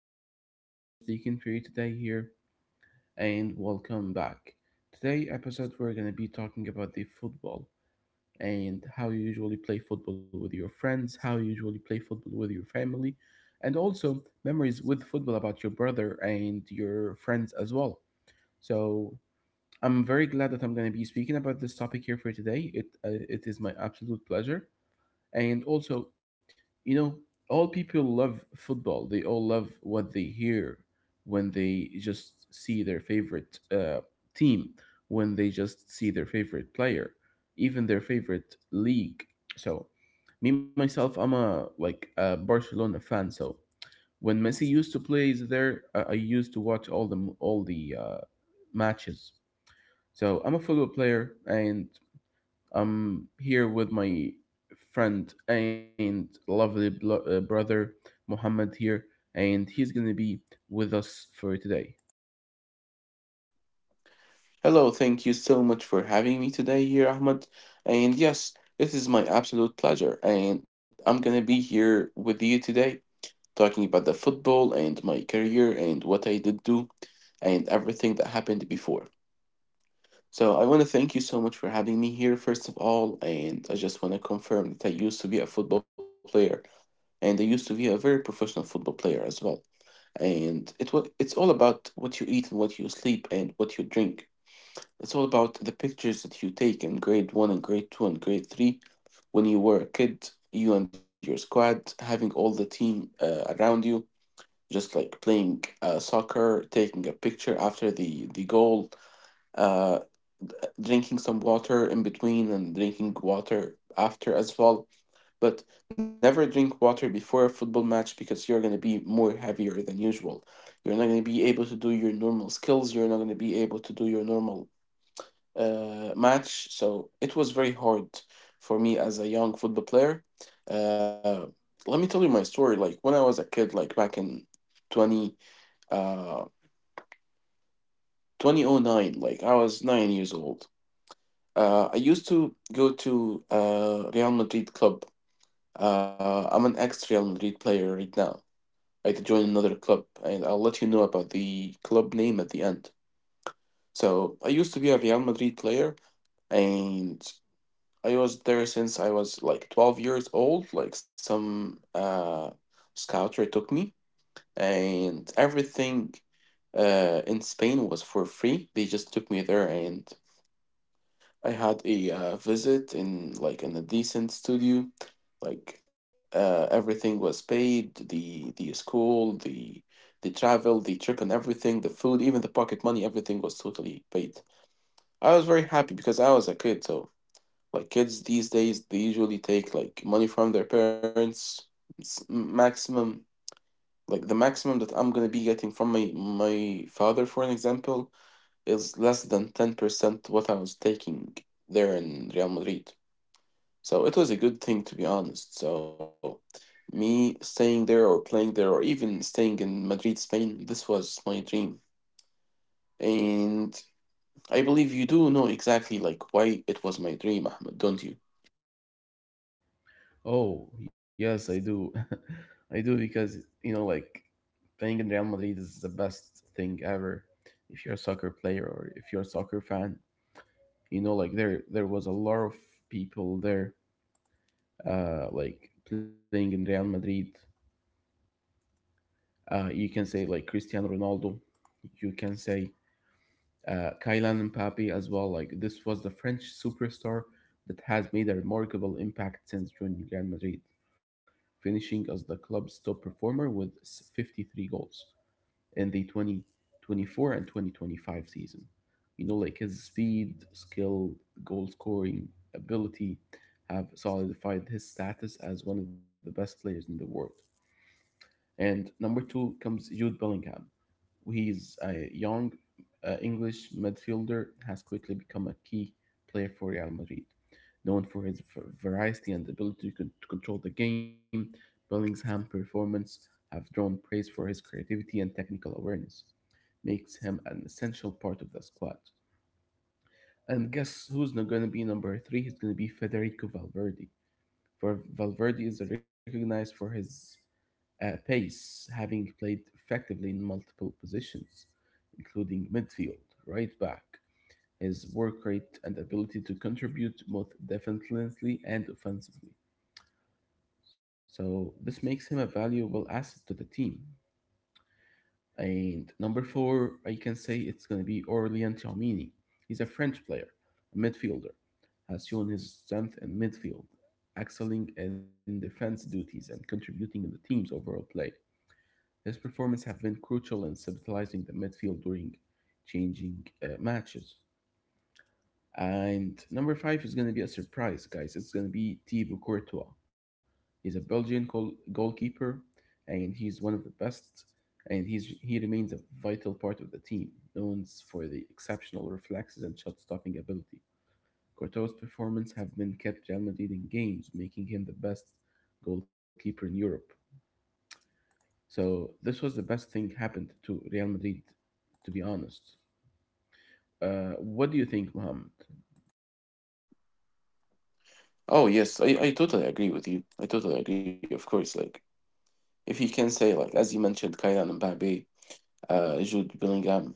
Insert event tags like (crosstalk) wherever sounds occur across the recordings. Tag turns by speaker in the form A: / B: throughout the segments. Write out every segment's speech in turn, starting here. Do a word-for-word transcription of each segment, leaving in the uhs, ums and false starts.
A: been our pleasure speaking for you today here. And welcome back. Today episode we're gonna be talking about the football and how you usually play football with your friends, how you usually play football with your family, and also memories with football about your brother and your friends as well. So I'm very glad that I'm gonna be speaking about this topic here for today. It uh, it is my absolute pleasure. And also, you know, all people love football. They all love what they hear when they just see their favorite uh, team, when they just see their favorite player, even their favorite league. So, me myself, I'm a like a Barcelona fan. So when Messi used to play there, I I used to watch all the all the uh, matches. So I'm a football player, and I'm here with my friend and lovely blo- uh, brother Muhammad here, and he's gonna be with us for today.
B: Hello, thank you so much for having me today here, Ahmed. And yes, this is my absolute pleasure. And I'm gonna be here with you today, talking about the football and my career and what I did do and everything that happened before. So I wanna thank you so much for having me here, first of all. And I just wanna confirm that I used to be a football player and I used to be a very professional football player as well. And it was it's all about what you eat and what you sleep and what you drink. It's all about the pictures that you take in grade one and grade two and grade three when you were a kid, you and your squad, having all the team uh, around you, just like playing uh, soccer, taking a picture after the, the goal, uh, drinking some water in between and drinking water after as well. But never drink water before a football match because you're going to be more heavier than usual. You're not going to be able to do your normal skills. You're not going to be able to do your normal uh, match. So it was very hard for me as a young football player. Uh, Let me tell you my story. Like when I was a kid, like back in 20, uh, two thousand nine, like I was nine years old. Uh, I used to go to uh, Real Madrid club. Uh, I'm an ex Real Madrid player right now. I joined another club, and I'll let you know about the club name at the end. So I used to be a Real Madrid player, and I was there since I was like twelve years old. Like some uh, scouter took me, and everything uh, in Spain was for free. They just took me there, and I had a uh, visit in like in a decent studio. Like uh, everything was paid, the the school, the the travel, the trip, and everything, the food, even the pocket money, everything was totally paid. I was very happy because I was a kid, so. Like kids these days, they usually take like money from their parents. It's m- maximum like the maximum that I'm gonna be getting from my my father, for an example, is less than ten percent what I was taking there in Real Madrid. So it was a good thing to be honest. So me staying there or playing there or even staying in Madrid, Spain, this was my dream. And I believe you do know exactly like why it was my dream, Ahmed, don't you?
A: Oh, yes, I do. (laughs) I do because, you know, like playing in Real Madrid is the best thing ever. If you're a soccer player or if you're a soccer fan, you know, like there there was a lot of people there uh like playing in Real Madrid. Uh, you can say like Cristiano Ronaldo. You can say uh, Kylian Mbappe as well. Like this was the French superstar that has made a remarkable impact since joining Real Madrid, finishing as the club's top performer with fifty-three goals in the twenty twenty-four and twenty twenty-five season. You know, like his speed, skill, goal scoring ability have solidified his status as one of the best players in the world. And number two comes Jude Bellingham. He's a young uh, English midfielder has quickly become a key player for Real Madrid. Known for his v- variety and ability to, con- to control the game, Bellingham's performance have drawn praise for his creativity and technical awareness, makes him an essential part of the squad. And guess who's not going to be number three? It's going to be Federico Valverde. For Valverde is recognized for his uh, pace, having played effectively in multiple positions, including midfield, right back. His work rate and ability to contribute both defensively and offensively. So this makes him a valuable asset to the team. And number four, I can say it's going to be Aurelien Tchouameni. He's a French player, a midfielder, has shown his strength in midfield, excelling in defense duties and contributing in the team's overall play. His performance have been crucial in stabilizing the midfield during changing uh, matches. And number five is going to be a surprise, guys. It's going to be Thibaut Courtois. He's a Belgian goal- goalkeeper, and he's one of the best. And he's he remains a vital part of the team, known for the exceptional reflexes and shot-stopping ability. Courtois' performance have been kept Real Madrid in games, making him the best goalkeeper in Europe. So this was the best thing happened to Real Madrid to be honest. Uh, what do you think, Mohammed?
B: Oh yes, I, I totally agree with you. I totally agree. Of course, like if you can say like as you mentioned, Kylian Mbappe, uh, Jude Bellingham.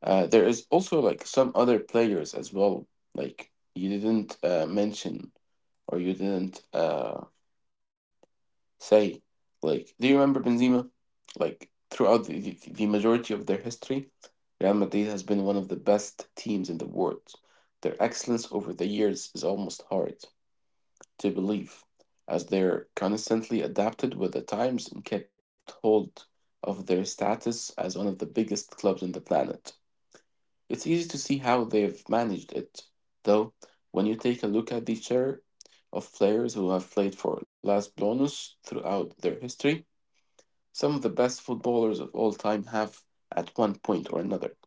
B: Uh, there is also like some other players as well. Like you didn't uh, mention or you didn't uh, say. Like, do you remember Benzema? Like throughout the, the, the majority of their history, Real Madrid has been one of the best teams in the world. Their excellence over the years is almost hard to belief, as they're constantly adapted with the times and kept hold of their status as one of the biggest clubs on the planet. It's easy to see how they've managed it, though, when you take a look at the share of players who have played for Las Blancas throughout their history. Some of the best footballers of all time have, at one point or another,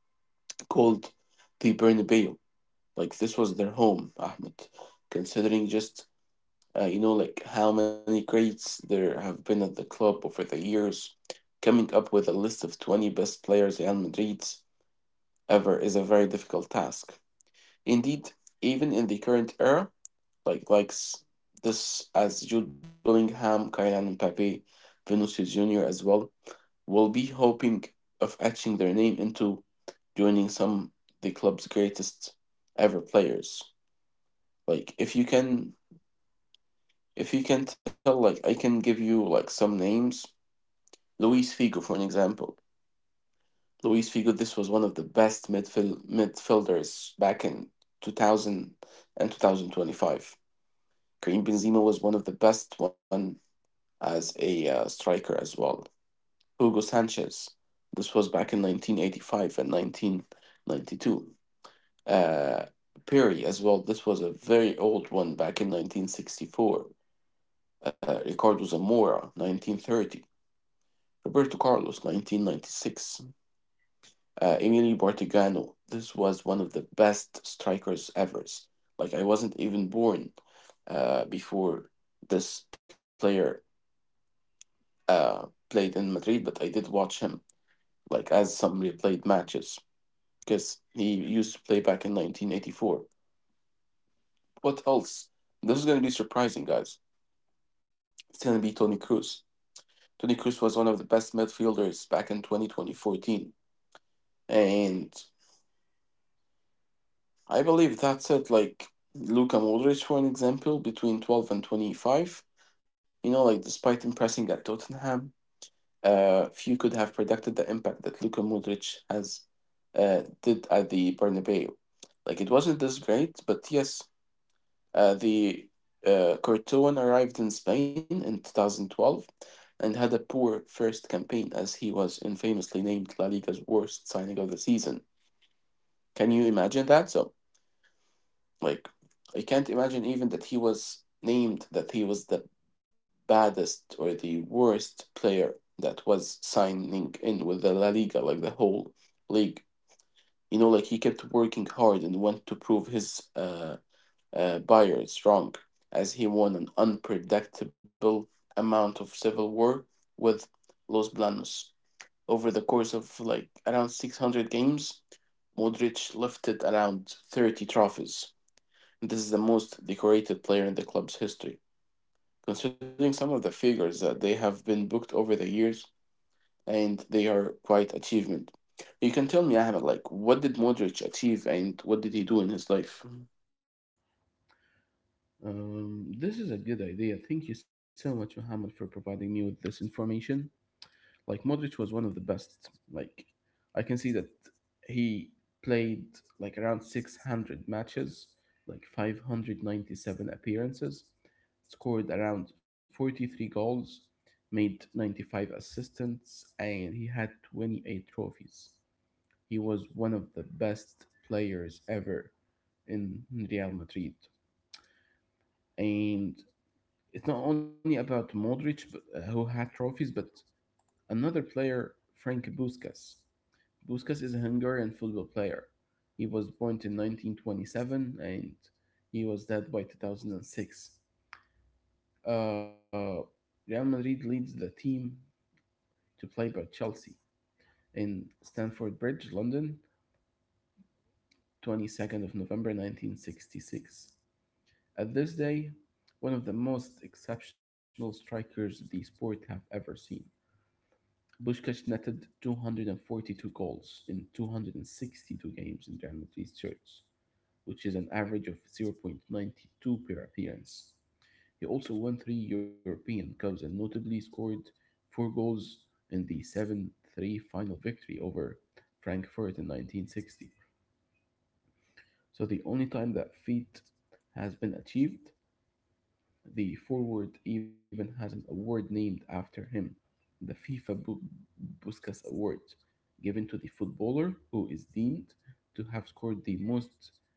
B: called the Bernabeu like this was their home, Ahmed, considering just uh, you know, like how many greats there have been at the club over the years. Coming up with a list of twenty best players Real Madrid's ever is a very difficult task. Indeed, even in the current era, like likes this as Jude Bellingham, Kylian Mbappe, Vinicius Junior as well, will be hoping of etching their name into joining some the club's greatest ever players. Like if you can. If you can tell, like, I can give you like some names. Luis Figo, for an example. Luis Figo, this was one of the best midfield midfielders back in two thousand and two thousand twenty five. Karim Benzema was one of the best one as a uh, striker as well. Hugo Sanchez, this was back in nineteen eighty-five and nineteen ninety-two. Uh, Perry as well, this was a very old one back in nineteen sixty-four. Uh, Ricardo Zamora, nineteen thirty. Roberto Carlos, nineteen ninety-six. Uh, Emilio Bartigano, this was one of the best strikers ever. Like, I wasn't even born uh, before this player uh, played in Madrid, but I did watch him, like, as some replayed matches, because he used to play back in nineteen eighty-four. What else? This is going to be surprising, guys. It's going to be Toni Kroos. Toni Kroos was one of the best midfielders back in twenty twenty, twenty fourteen. And I believe that's it. Like Luka Modric, for an example, between twelve and twenty-five, you know, like despite impressing at Tottenham, uh, few could have predicted the impact that Luka Modric has uh, did at the Bernabeu. Like it wasn't this great, but yes, uh, the uh, Courtois arrived in Spain in twenty twelve and had a poor first campaign as he was infamously named La Liga's worst signing of the season. Can you imagine that? So like, I can't imagine even that he was named that he was the baddest or the worst player that was signing in with the La Liga, like the whole league. You know, like he kept working hard and wanted to prove his uh, uh, buyers wrong, as he won an unpredictable amount of civil war with Los Blancos. Over the course of like around six hundred games, Modric lifted around thirty trophies. This is the most decorated player in the club's history, considering some of the figures that they have been booked over the years, and they are quite achievement. You can tell me, Ahmed, like what did Modric achieve and what did he do in his life?
A: Um, this is a good idea. Thank you so much, Mohammed, for providing me with this information. Like, Modric was one of the best. Like, I can see that he played like around six hundred matches, like five hundred ninety-seven appearances, scored around forty-three goals, made ninety-five assists, and he had twenty-eight trophies. He was one of the best players ever in Real Madrid. And it's not only about Modric, but, uh, who had trophies, but another player, Frank Busquets. Busquets is a Hungarian football player. He was born in nineteen twenty-seven and he was dead by two thousand six. Uh, Real Madrid leads the team to play by Chelsea in Stamford Bridge, London, twenty-second of November nineteen sixty-six. At this day, one of the most exceptional strikers the sport have ever seen. Puskás netted two hundred forty-two goals in two hundred sixty-two games in Real Madrid's shirts, which is an average of zero point zero point nine two per appearance. He also won three European Cups and notably scored four goals in the seven three final victory over Frankfurt in nineteen sixty. So, the only time that feat has been achieved. The forward even has an award named after him, the FIFA Bu- Puskas Award, given to the footballer who is deemed to have scored the most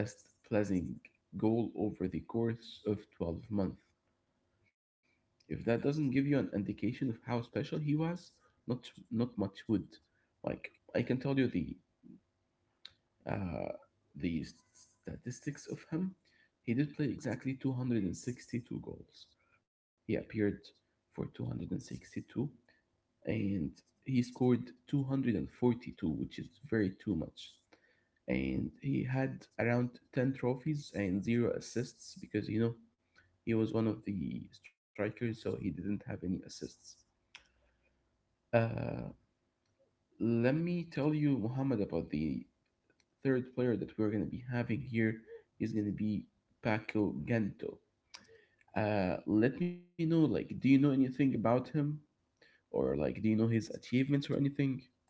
A: best pleasing goal over the course of twelve months. If that doesn't give you an indication of how special he was, not not much would. Like I can tell you the uh, the statistics of him, he did play exactly two hundred sixty-two goals. He appeared for two hundred sixty-two and sixty-two, and he scored two hundred forty-two, which is very too much. And he had around ten trophies and zero assists because, you know, he was one of the strikers, so he didn't have any assists. Uh, let me tell you, Muhammad, about the third player that we're going to be having here is going to be Paco Gento. Uh, let me know, like, do you know anything about him? Or, like, do you know his achievements or anything?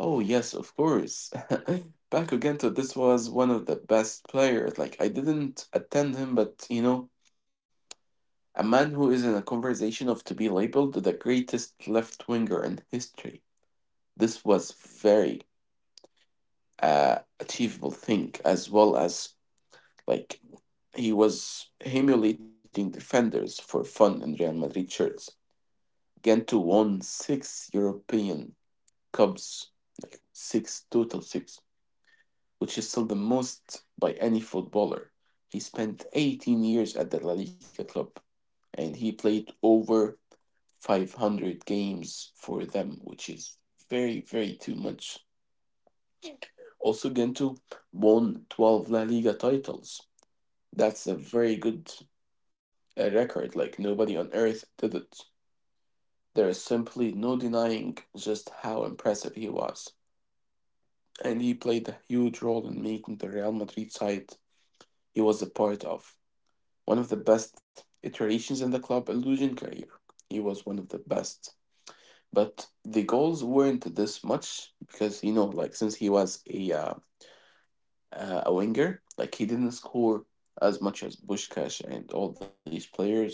B: Oh yes, of course. (laughs) Paco Gento, this was one of the best players. Like I didn't attend him, but you know, a man who is in a conversation of to be labeled the greatest left winger in history. This was very uh, achievable thing, as well as like he was emulating defenders for fun in Real Madrid shirts. Gento won six European Cups, like six total six, which is still the most by any footballer. He spent eighteen years at the La Liga club and he played over five hundred games for them, which is very, very too much. Also, Gento won twelve La Liga titles. That's a very good uh, record. Like nobody on earth did it. There is simply no denying just how impressive he was. And he played a huge role in making the Real Madrid side he was a part of one of the best iterations in the club illusion career. He was one of the best. But the goals weren't this much because, you know, like since he was a uh, uh, a winger. Like he didn't score as much as Bushkash and all these players,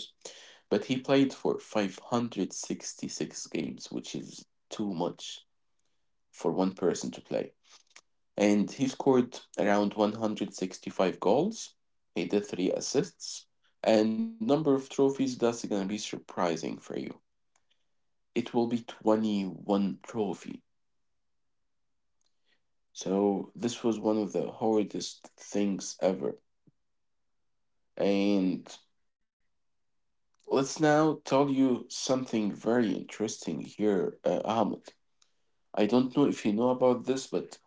B: but he played for five hundred sixty-six games, which is too much for one person to play. And he scored around one hundred sixty-five goals. He did three assists. And number of trophies, that's gonna be surprising for you. It will be twenty-one trophy. So this was one of the hardest things ever. And let's now tell you something very interesting here, uh, Ahmed. I don't know if you know about this, but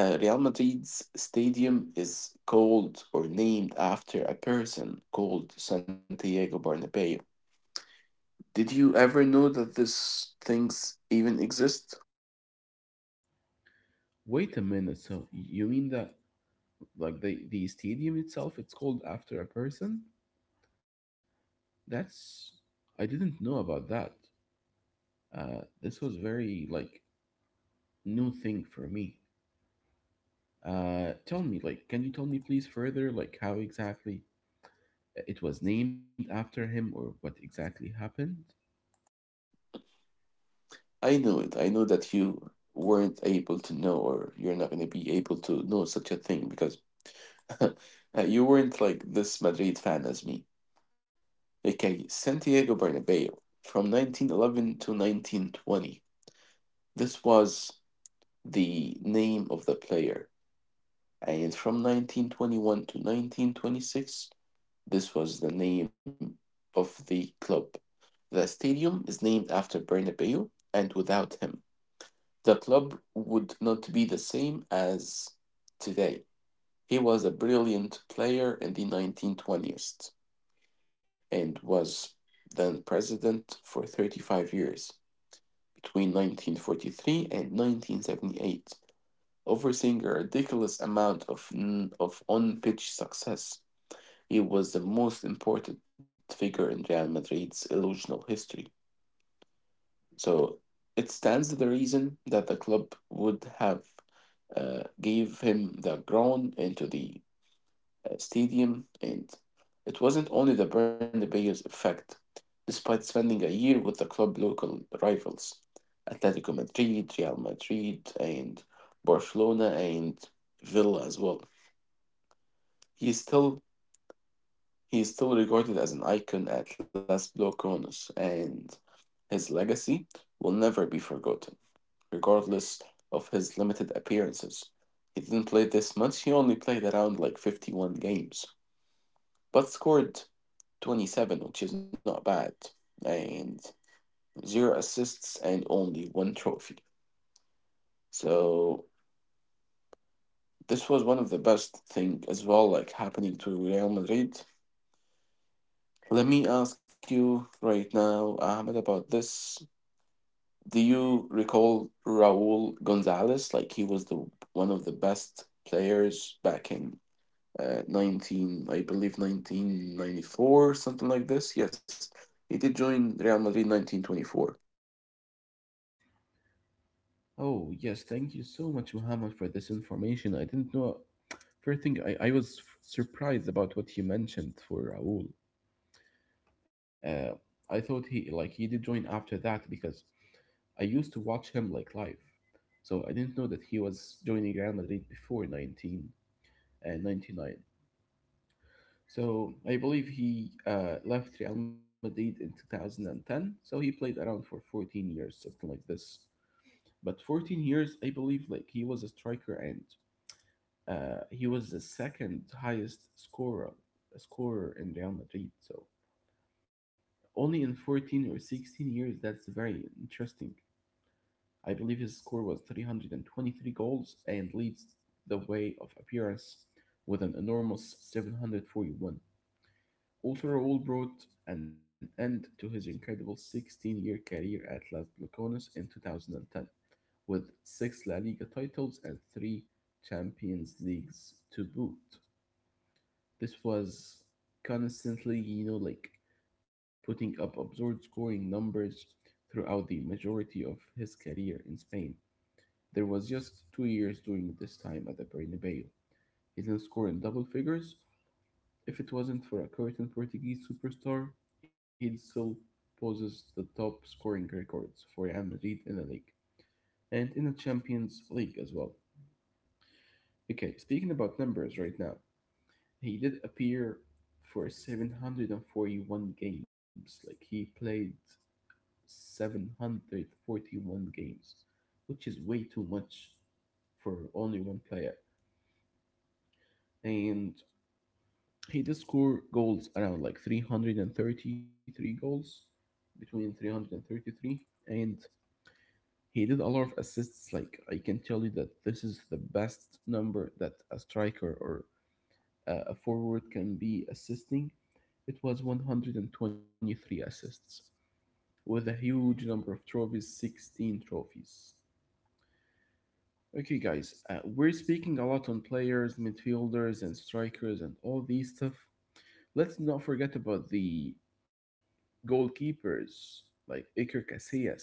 B: uh, Real Madrid's stadium is called or named after a person called Santiago Bernabeu. Did you ever know that these things even exist?
A: Wait a minute, so you mean that, like, the, the stadium itself, it's called after a person? That's. I didn't know about that. Uh, this was very, like, new thing for me. Uh, tell me, like, can you tell me, please, further, like, how exactly it was named after him, or what exactly happened?
B: I know it. I know that you weren't able to know, or you're not going to be able to know such a thing because (laughs) uh, you weren't like this Madrid fan as me. Okay, Santiago Bernabeu from nineteen eleven to nineteen twenty. This was the name of the player. And from nineteen twenty-one to nineteen twenty-six, this was the name of the club. The stadium is named after Bernabeu, and without him, the club would not be the same as today. He was a brilliant player in the nineteen twenties and was then president for thirty-five years, between nineteen forty-three and nineteen seventy-eight, overseeing a ridiculous amount of, of on pitch success. He was the most important figure in Real Madrid's illusional history. So it stands to the reason that the club would have uh, gave him the ground into the uh, stadium, and it wasn't only the Bernabeu's effect. Despite spending a year with the club local rivals, Atletico Madrid, Real Madrid, and Barcelona and Villa as well, he is still he is still regarded as an icon at Las Blocones, and his legacy will never be forgotten, regardless of his limited appearances. He didn't play this much; he only played around like fifty-one games. But scored twenty-seven, which is not bad, and zero assists and only one trophy. So this was one of the best thing as well, like happening to Real Madrid. Let me ask you right now, Ahmed, about this. Do you recall Raul Gonzalez? Like he was the one of the best players back in uh, 19, I believe nineteen ninety-four, something like this. Yes, he did join Real Madrid nineteen twenty-four.
A: Oh, yes, thank you so much, Muhammad, for this information. I didn't know. First thing, I, I was f- surprised about what you mentioned for Raul. Uh, I thought he like he did join after that because I used to watch him like live, so I didn't know that he was joining Real Madrid before nineteen and ninety-nine. So I believe he uh, left Real Madrid in two thousand ten. So he played around for fourteen years, something like this. But fourteen years, I believe, like he was a striker and uh, he was the second highest scorer scorer in Real Madrid. So only in fourteen or sixteen years, that's very interesting. I believe his score was three hundred twenty-three goals and leads the way of appearance with an enormous seven hundred forty-one. Ultraowl brought an end to his incredible sixteen year career at Las Blacones in twenty ten, with six La Liga titles and three Champions Leagues to boot. This was constantly, you know, like putting up absurd scoring numbers throughout the majority of his career in Spain. There was just two years during this time at the Bernabeu. He didn't score in double figures. If it wasn't for a curtain Portuguese superstar, he'd still poses the top scoring records for Real Madrid in the league and in the Champions League as well. Okay, speaking about numbers right now, he did appear for seven hundred forty-one games. Like he played seven hundred forty-one games, which is way too much for only one player. And he did score goals around like three hundred thirty-three goals, between three hundred thirty-three and he did a lot of assists. Like I can tell you that this is the best number that a striker or uh, a forward can be assisting. It was one hundred twenty-three assists with a huge number of trophies sixteen trophies. Okay, guys, uh, we're speaking a lot on players, midfielders, and strikers, and all these stuff. Let's not forget about the goalkeepers like Iker Casillas.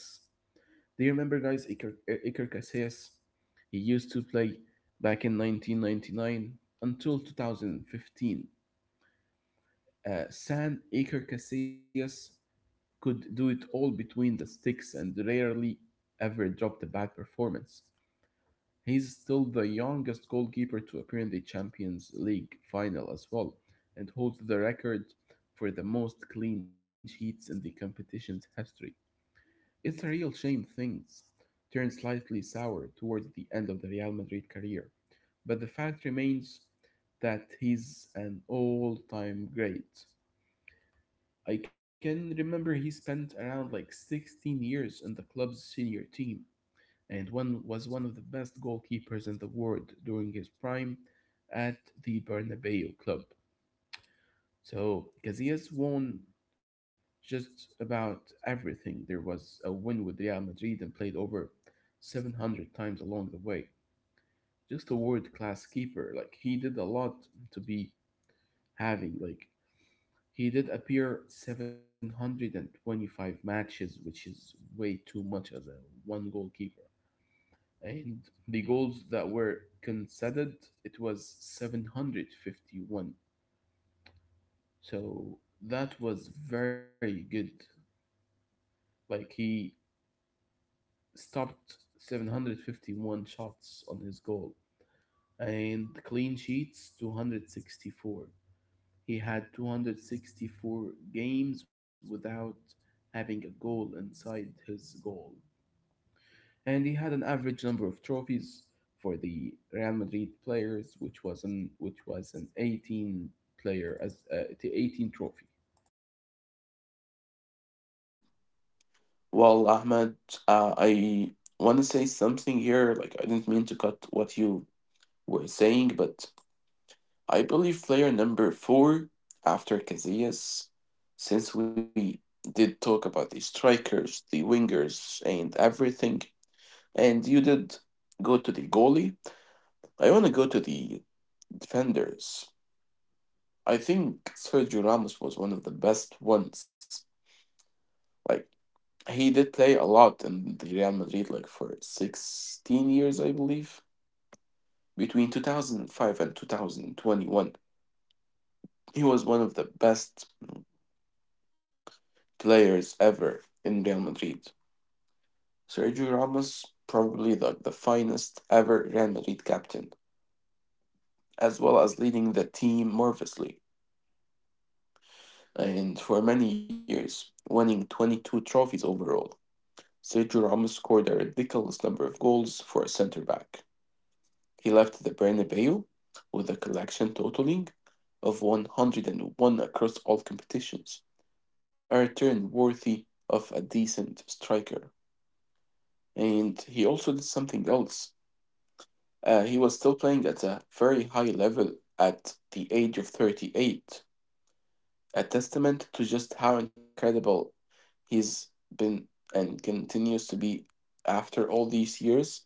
A: Do you remember, guys, Iker, uh, Iker Casillas? He used to play back in nineteen ninety-nine until two thousand fifteen. Uh, San Iker Casillas could do it all between the sticks and rarely ever dropped a bad performance. He's still the youngest goalkeeper to appear in the Champions League final as well, and holds the record for the most clean sheets in the competition's history. It's a real shame things turned slightly sour towards the end of the Real Madrid career, but the fact remains that he's an all time great. I can remember he spent around like sixteen years in the club's senior team and one was one of the best goalkeepers in the world during his prime at the Bernabeu club. So Casillas won just about everything. There was a win with Real Madrid and played over seven hundred times along the way. Just a world class keeper. Like he did a lot to be having like he did appear seven hundred twenty-five matches, which is way too much as a one goalkeeper. And the goals that were conceded, it was seven hundred fifty-one. So that was very good. Like he stopped seven hundred fifty-one shots on his goal and clean sheets two hundred sixty-four. He had two hundred sixty-four games without having a goal inside his goal. And he had an average number of trophies for the Real Madrid players, which was an which was an eighteen player as uh, the eighteen trophy.
B: Well, Ahmed, uh, I want to say something here. Like, I didn't mean to cut what you were saying, but I believe player number four after Casillas, since we did talk about the strikers, the wingers, and everything, and you did go to the goalie, I want to go to the defenders. I think Sergio Ramos was one of the best ones. Like, he did play a lot in the Real Madrid, like for sixteen years, I believe. Between two thousand five and two thousand twenty-one, he was one of the best players ever in Real Madrid. Sergio Ramos, probably the, the finest ever Real Madrid captain, as well as leading the team marvelously and for many years, winning twenty-two trophies overall. Sergio Ramos scored a ridiculous number of goals for a center back. He left the Bernabeu with a collection totaling of one hundred one across all competitions, a return worthy of a decent striker. And he also did something else. Uh, he was still playing at a very high level at the age of thirty-eight, a testament to just how incredible he's been and continues to be after all these years.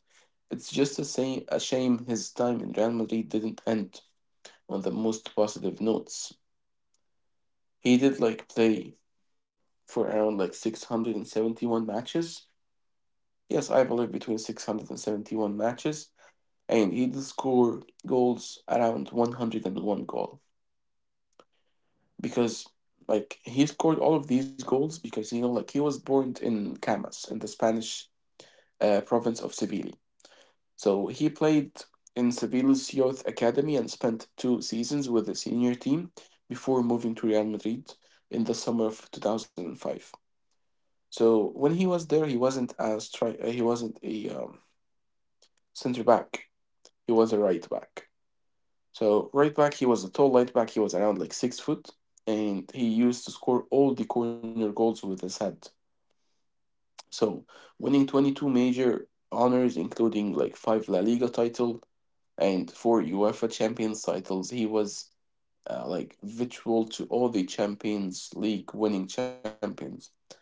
B: It's just a, say, a shame his time in Real Madrid didn't end on the most positive notes. He did like play for around like six hundred seventy-one matches. Yes, I believe between six hundred seventy-one matches. And he did score goals around one hundred one goal. Because like he scored all of these goals because you know like he was born in Camas in the Spanish uh, province of Seville. So he played in Sevilla's youth academy and spent two seasons with the senior team before moving to Real Madrid in the summer of two thousand five. So when he was there, he wasn't a stri- uh, he wasn't a um, center back. He was a right back. So right back, he was a tall right back. He was around like six foot, and he used to score all the corner goals with his head. So winning twenty-two major honors, including like five La Liga title, and for UEFA Champions titles, he was uh, like virtual to all the Champions League winning champions,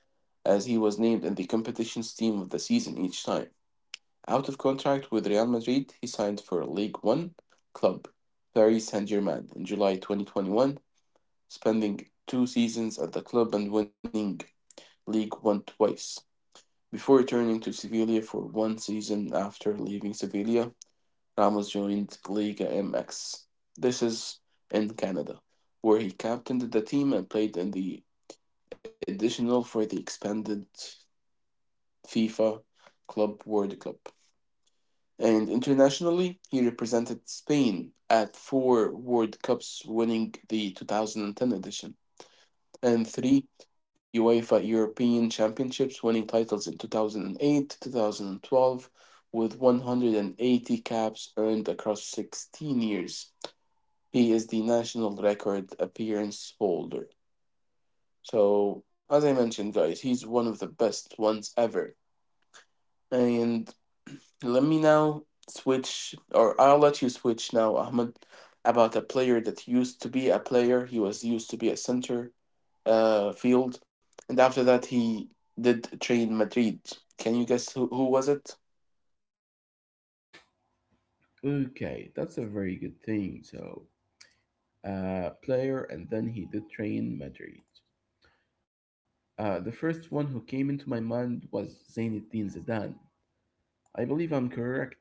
B: as he was named in the competition's team of the season each time. Out of contract with Real Madrid, he signed for League One club Paris Saint Germain in July twenty twenty-one, spending two seasons at the club and winning League One twice, before returning to Sevilla for one season after leaving Sevilla Ramos joined Liga M X. This is in Canada, where he captained the team and played in the additional for the expanded FIFA Club World Cup. And internationally, he represented Spain at four World Cups, winning the two thousand ten edition, and three UEFA European Championships, winning titles in two thousand eight, two thousand twelve, with one hundred eighty caps earned across sixteen years. He is the national record appearance holder. So, as I mentioned, guys, he's one of the best ones ever. And (clears throat) let me now switch, or I'll let you switch now, Ahmed, about a player that used to be a player. He was used to be a center uh, field, and after that, he did train Madrid. Can you guess who, who was it?
A: Okay, that's a very good thing. So, uh, player, and then he did train Madrid. Uh, the first one who came into my mind was Zinedine Zidane. I believe I'm correct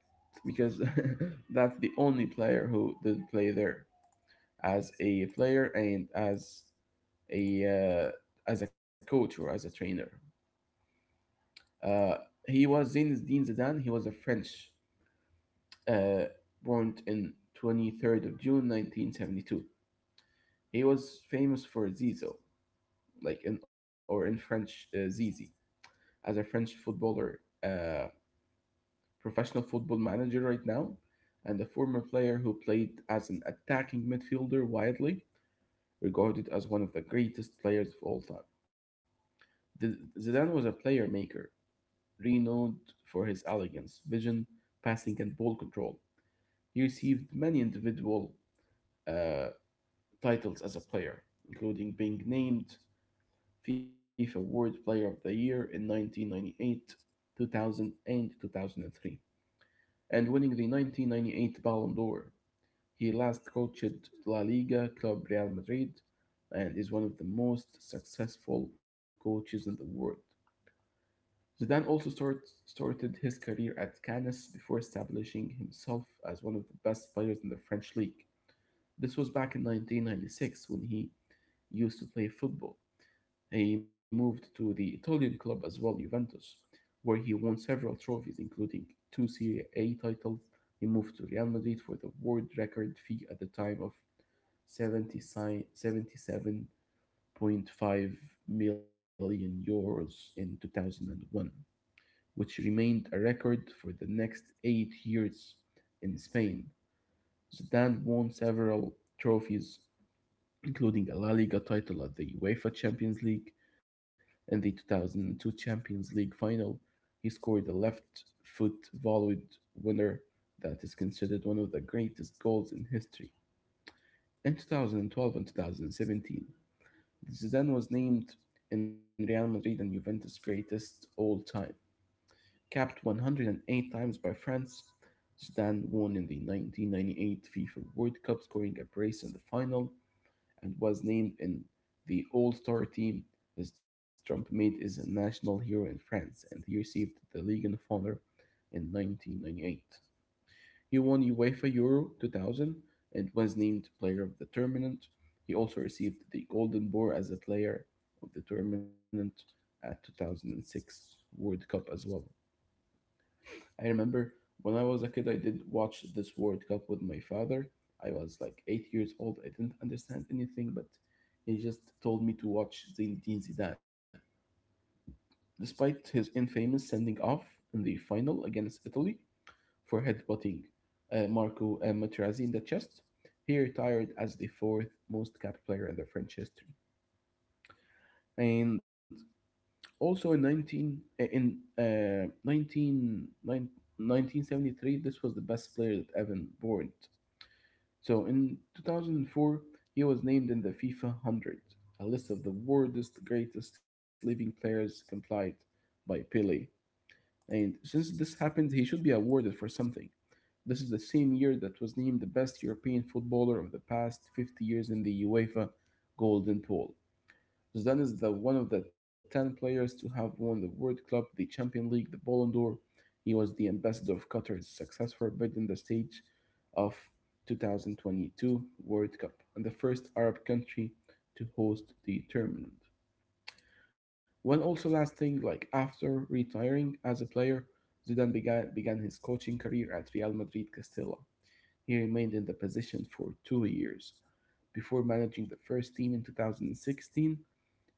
A: because (laughs) that's the only player who did play there. As a player and as a uh, as a coach or as a trainer. Uh, he was Zinedine Zidane. He was a French, uh, born in twenty-third of June nineteen seventy-two. He was famous for Zizo, like in or in French uh, Zizi, as a French footballer, uh, professional football manager right now, and a former player who played as an attacking midfielder, widely regarded as one of the greatest players of all time. Th- Zidane was a player maker, renowned for his elegance, vision, passing, and ball control. He received many individual uh, titles as a player, including being named FIFA World Player of the Year in nineteen ninety-eight, two thousand, and two thousand three, and winning the nineteen ninety-eight Ballon d'Or. He last coached La Liga club Real Madrid and is one of the most successful coaches in the world. Zidane also start, started his career at Cannes before establishing himself as one of the best players in the French league. This was back in nineteen ninety-six when he used to play football. He moved to the Italian club as well, Juventus, where he won several trophies, including two Serie A titles. He moved to Real Madrid for the world record fee at the time of seventy, seventy-seven point five million euros in two thousand one, which remained a record for the next eight years in Spain. Zidane won several trophies, including a La Liga title at the UEFA Champions League and the two thousand two Champions League final. He scored a left foot volleyed winner that is considered one of the greatest goals in history. In twenty twelve and twenty seventeen, Zidane was named in Real Madrid and Juventus' greatest all time. Capped one hundred eight times by France, Zidane won in the nineteen ninety-eight FIFA World Cup, scoring a brace in the final, and was named in the All-Star team. His trumpet is a national hero in France, and he received the Legion of Honor in nineteen ninety-eight. He won UEFA Euro two thousand and was named Player of the Tournament. He also received the Golden Boar as a Player of the Tournament at two thousand six World Cup as well. I remember when I was a kid, I did watch this World Cup with my father. I was like eight years old. I didn't understand anything, but he just told me to watch Zinedine Zidane. Despite his infamous sending off in the final against Italy for headbutting uh, Marco uh, Materazzi in the chest, he retired as the fourth most capped player in the French history. And also in nineteen uh, in uh, nineteen nine nineteen seventy three, this was the best player that Evan Bourne. So in two thousand four, he was named in the FIFA one hundred, a list of the world's greatest living players complied by Pele. And since this happened, he should be awarded for something. This is the same year that was named the best European footballer of the past fifty years in the UEFA Golden Ball. Zidane is the one of the ten players to have won the World Cup, the Champions League, the Ballon d'Or. He was the ambassador of Qatar, his successor bid in the stage of twenty twenty-two World Cup and the first Arab country to host the tournament. One also last thing, like after retiring as a player, Zidane began, began his coaching career at Real Madrid Castilla. He remained in the position for two years before managing the first team in twenty sixteen.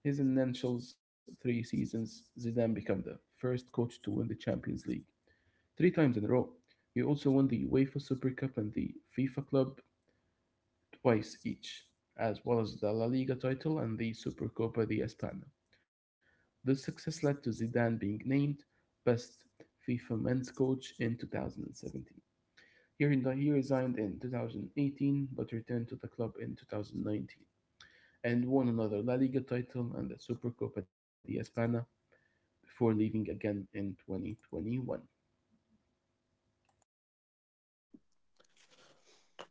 A: His initial three seasons, Zidane became the first coach to win the Champions League three times in a row. He also won the UEFA Super Cup and the FIFA Club twice each, as well as the La Liga title and the Supercopa de España. This success led to Zidane being named best FIFA men's coach in twenty seventeen. Here in the, he resigned in twenty eighteen but returned to the club in twenty nineteen and won another La Liga title and the Supercopa de España before leaving again in twenty twenty-one.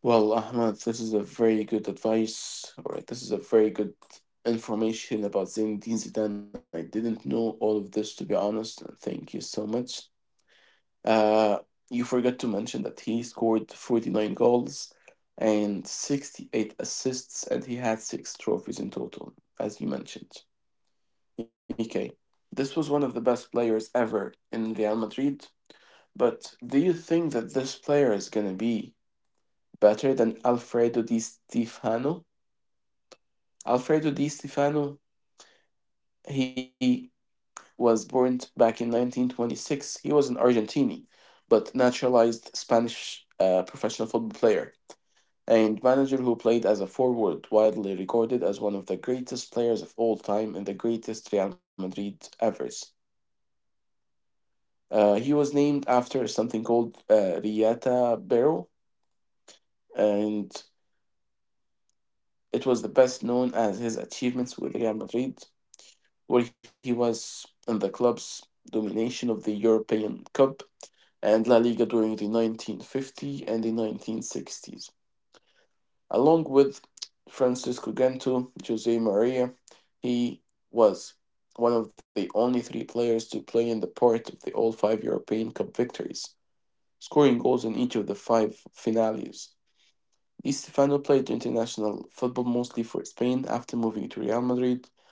B: Well, Ahmed, this is a very good advice. All right, this is a very good information about Zinedine Zidane. I didn't know all of this, to be honest, and thank you so much. Uh, you forgot to mention that he scored forty-nine goals and sixty-eight assists, and he had six trophies in total, as you mentioned. Okay, this was one of the best players ever in Real Madrid, but do you think that this player is going to be better than Alfredo Di Stefano? Alfredo Di Stefano, he was born back in nineteen twenty-six. He was an Argentinian, but naturalized Spanish uh, professional football player and manager who played as a forward, widely regarded as one of the greatest players of all time and the greatest Real Madrid avers. Uh, he was named after something called uh, Riata Barrel, and it was the best known as his achievements with Real Madrid where he was in the club's domination of the European Cup and La Liga during the nineteen fifties and the nineteen sixties. Along with Francisco Gento, Jose Maria, he was one of the only three players to play in the part of the all five European Cup victories, scoring goals in each of the five finales. Estefano played international football mostly for Spain after moving to Real Madrid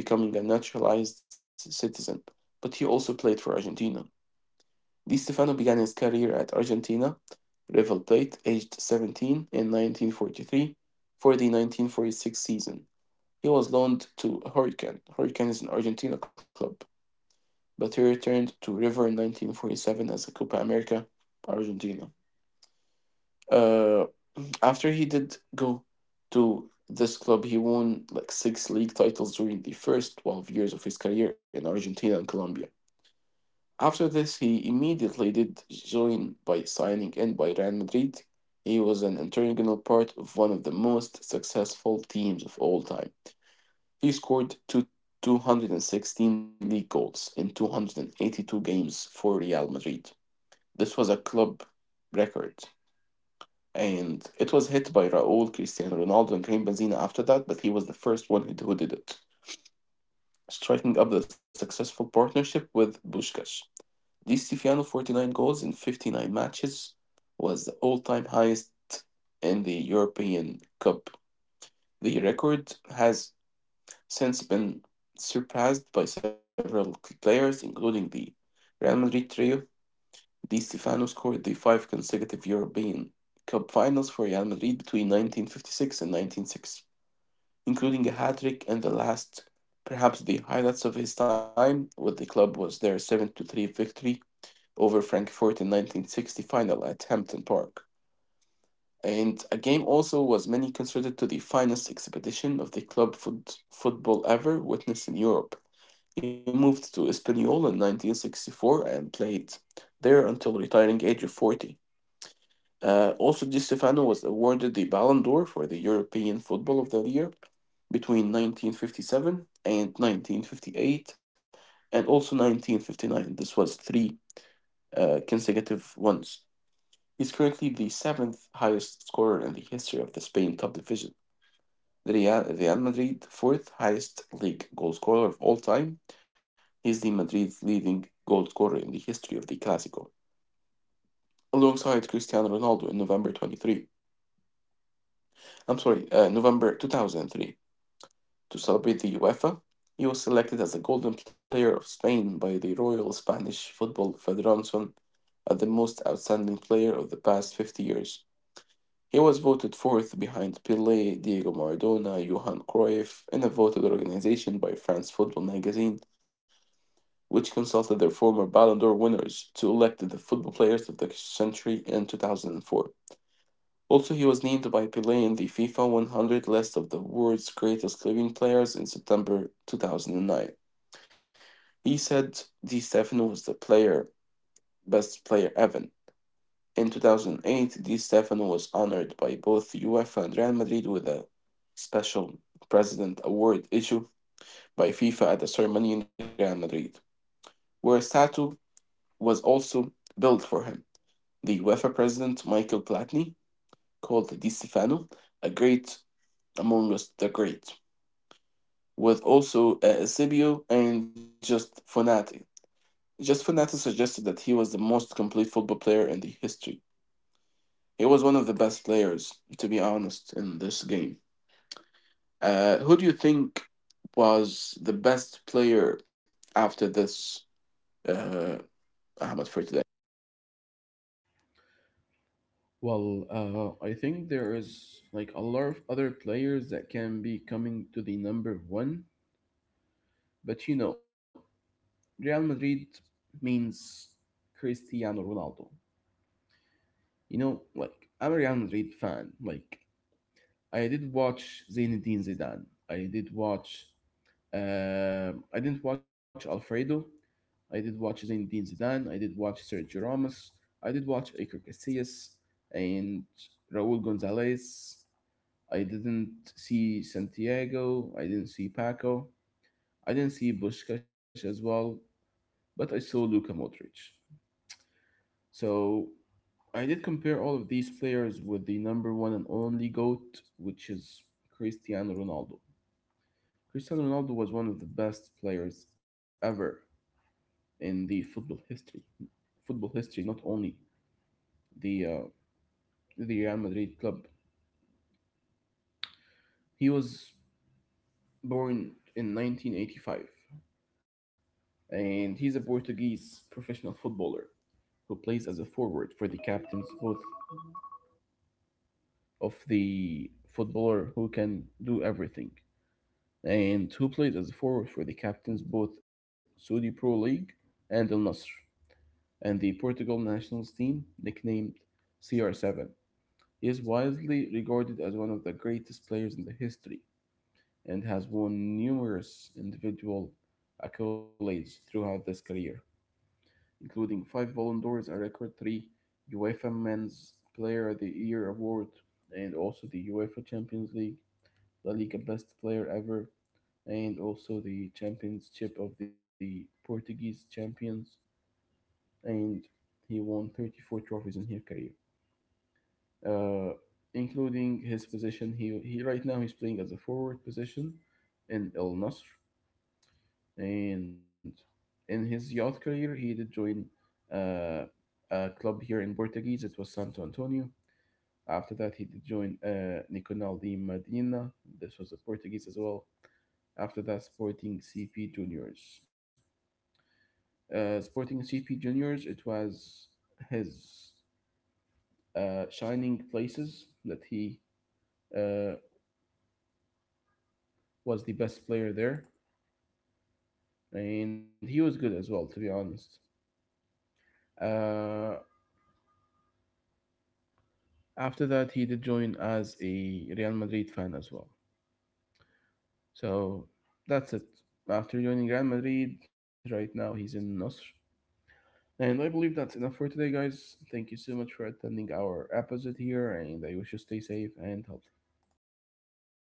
B: and becoming a naturalized citizen, but he also played for Argentina. Di Stefano began his career at Argentina River Plate, aged seventeen, in nineteen forty-three for the nineteen forty-six season. He was loaned to Hurricane. Hurricane is an Argentina club, but he returned to River in nineteen forty-seven as a Copa America Argentina. Uh, After he did go to this club, he won like six league titles during the first twelve years of his career in Argentina and Colombia. After this, he immediately did join by signing in by Real Madrid. He was an integral part of one of the most successful teams of all time. He scored two, 216 league goals in two hundred eighty-two games for Real Madrid. This was a club record. And it was hit by Raul, Cristiano Ronaldo, and Karim Benzema after that, but he was the first one who did it, striking up the successful partnership with Puskás. Di Stefano forty-nine goals in fifty-nine matches was the all-time highest in the European Cup. The record has since been surpassed by several players, including the Real Madrid trio, Di Stefano scored the five consecutive European Cup finals for Real Madrid between nineteen fifty-six and nineteen sixty, including a hat trick in the last. Perhaps the highlights of his time with the club was their seven to three victory over Frankfurt in nineteen sixty final at Hampton Park. And a game also was many considered to the finest exhibition of the club foot football ever witnessed in Europe. He moved to Espanyol in nineteen sixty-four and played there until retiring age of forty. Uh, also, Di Stefano was awarded the Ballon d'Or for the European Football of the Year between nineteen fifty-seven and nineteen fifty-eight, and also nineteen fifty-nine. This was three uh, consecutive ones. He's currently the seventh highest scorer in the history of the Spain top division. Real, Real Madrid, fourth highest league goal scorer of all time. He's the Madrid's leading goal scorer in the history of the Clásico, alongside Cristiano Ronaldo in November twenty-three. I'm sorry, uh, November two thousand three, to celebrate the UEFA. He was selected as the Golden Player of Spain by the Royal Spanish Football Federation as the most outstanding player of the past fifty years. He was voted fourth behind Pelé, Diego Maradona, Johan Cruyff, in a voted organization by France Football magazine, which consulted their former Ballon d'Or winners to elect the football players of the century in two thousand four. Also, he was named by Pelé in the FIFA one hundred list of the world's greatest living players in September two thousand nine. He said Di Stefano was the player best player ever. In two thousand eight, Di Stefano was honored by both UEFA and Real Madrid with a special President Award issued by FIFA at a ceremony in Real Madrid, where a statue was also built for him. The UEFA president, Michael Platini, called Di Stefano a great among us the great. With also uh, Eusebio and Just Fonati. Just Fonati suggested that he was the most complete football player in the history. He was one of the best players, to be honest, in this game. Uh, who do you think was the best player after this, uh, Ahmed, for today?
A: Well, uh, I think there is like a lot of other players that can be coming to the number one, but you know, Real Madrid means Cristiano Ronaldo. You know, like I'm a Real Madrid fan. Like I did watch Zinedine Zidane. I did watch. Um, I didn't watch Alfredo. I did watch Zinedine Zidane. I did watch Sergio Ramos. I did watch Iker Casillas and Raul Gonzalez. I didn't see Santiago. I didn't see Paco. I didn't see Bushkash as well, but I saw Luka Modric. So I did compare all of these players with the number one and only GOAT, which is Cristiano Ronaldo. Cristiano Ronaldo was one of the best players ever in the football history. Football history, not only the uh, the Real Madrid club. He was born in nineteen eighty-five, and he's a Portuguese professional footballer who plays as a forward for the captains both of the footballer who can do everything, and who plays as a forward for the captains both Saudi Pro League and Al Nassr, and the Portugal national team, nicknamed C R seven. He is widely regarded as one of the greatest players in the history and has won numerous individual accolades throughout his career, including five Ballon d'Ors, a record three UEFA Men's Player of the Year award, and also the UEFA Champions League, La Liga Best Player Ever, and also the Championship of the Portuguese Champions, and he won thirty-four trophies in his career. uh, including his position. He he right now he's playing as a forward position in Al Nasr, and in his youth career he did join uh, a club here in Portuguese. It was Santo Antonio. After that, he did join uh, Nicolau de Medina. This was a Portuguese as well. After that, Sporting C P Juniors. Uh, Sporting C P Juniors. It was his uh, shining places that he uh, was the best player there, and he was good as well, to be honest. Uh, after that, he did join as a Real Madrid fan as well. So that's it. After joining Real Madrid, right now he's in Nasr. And I believe that's enough for today, guys. Thank you so much for attending our episode here, and I wish you stay safe and healthy.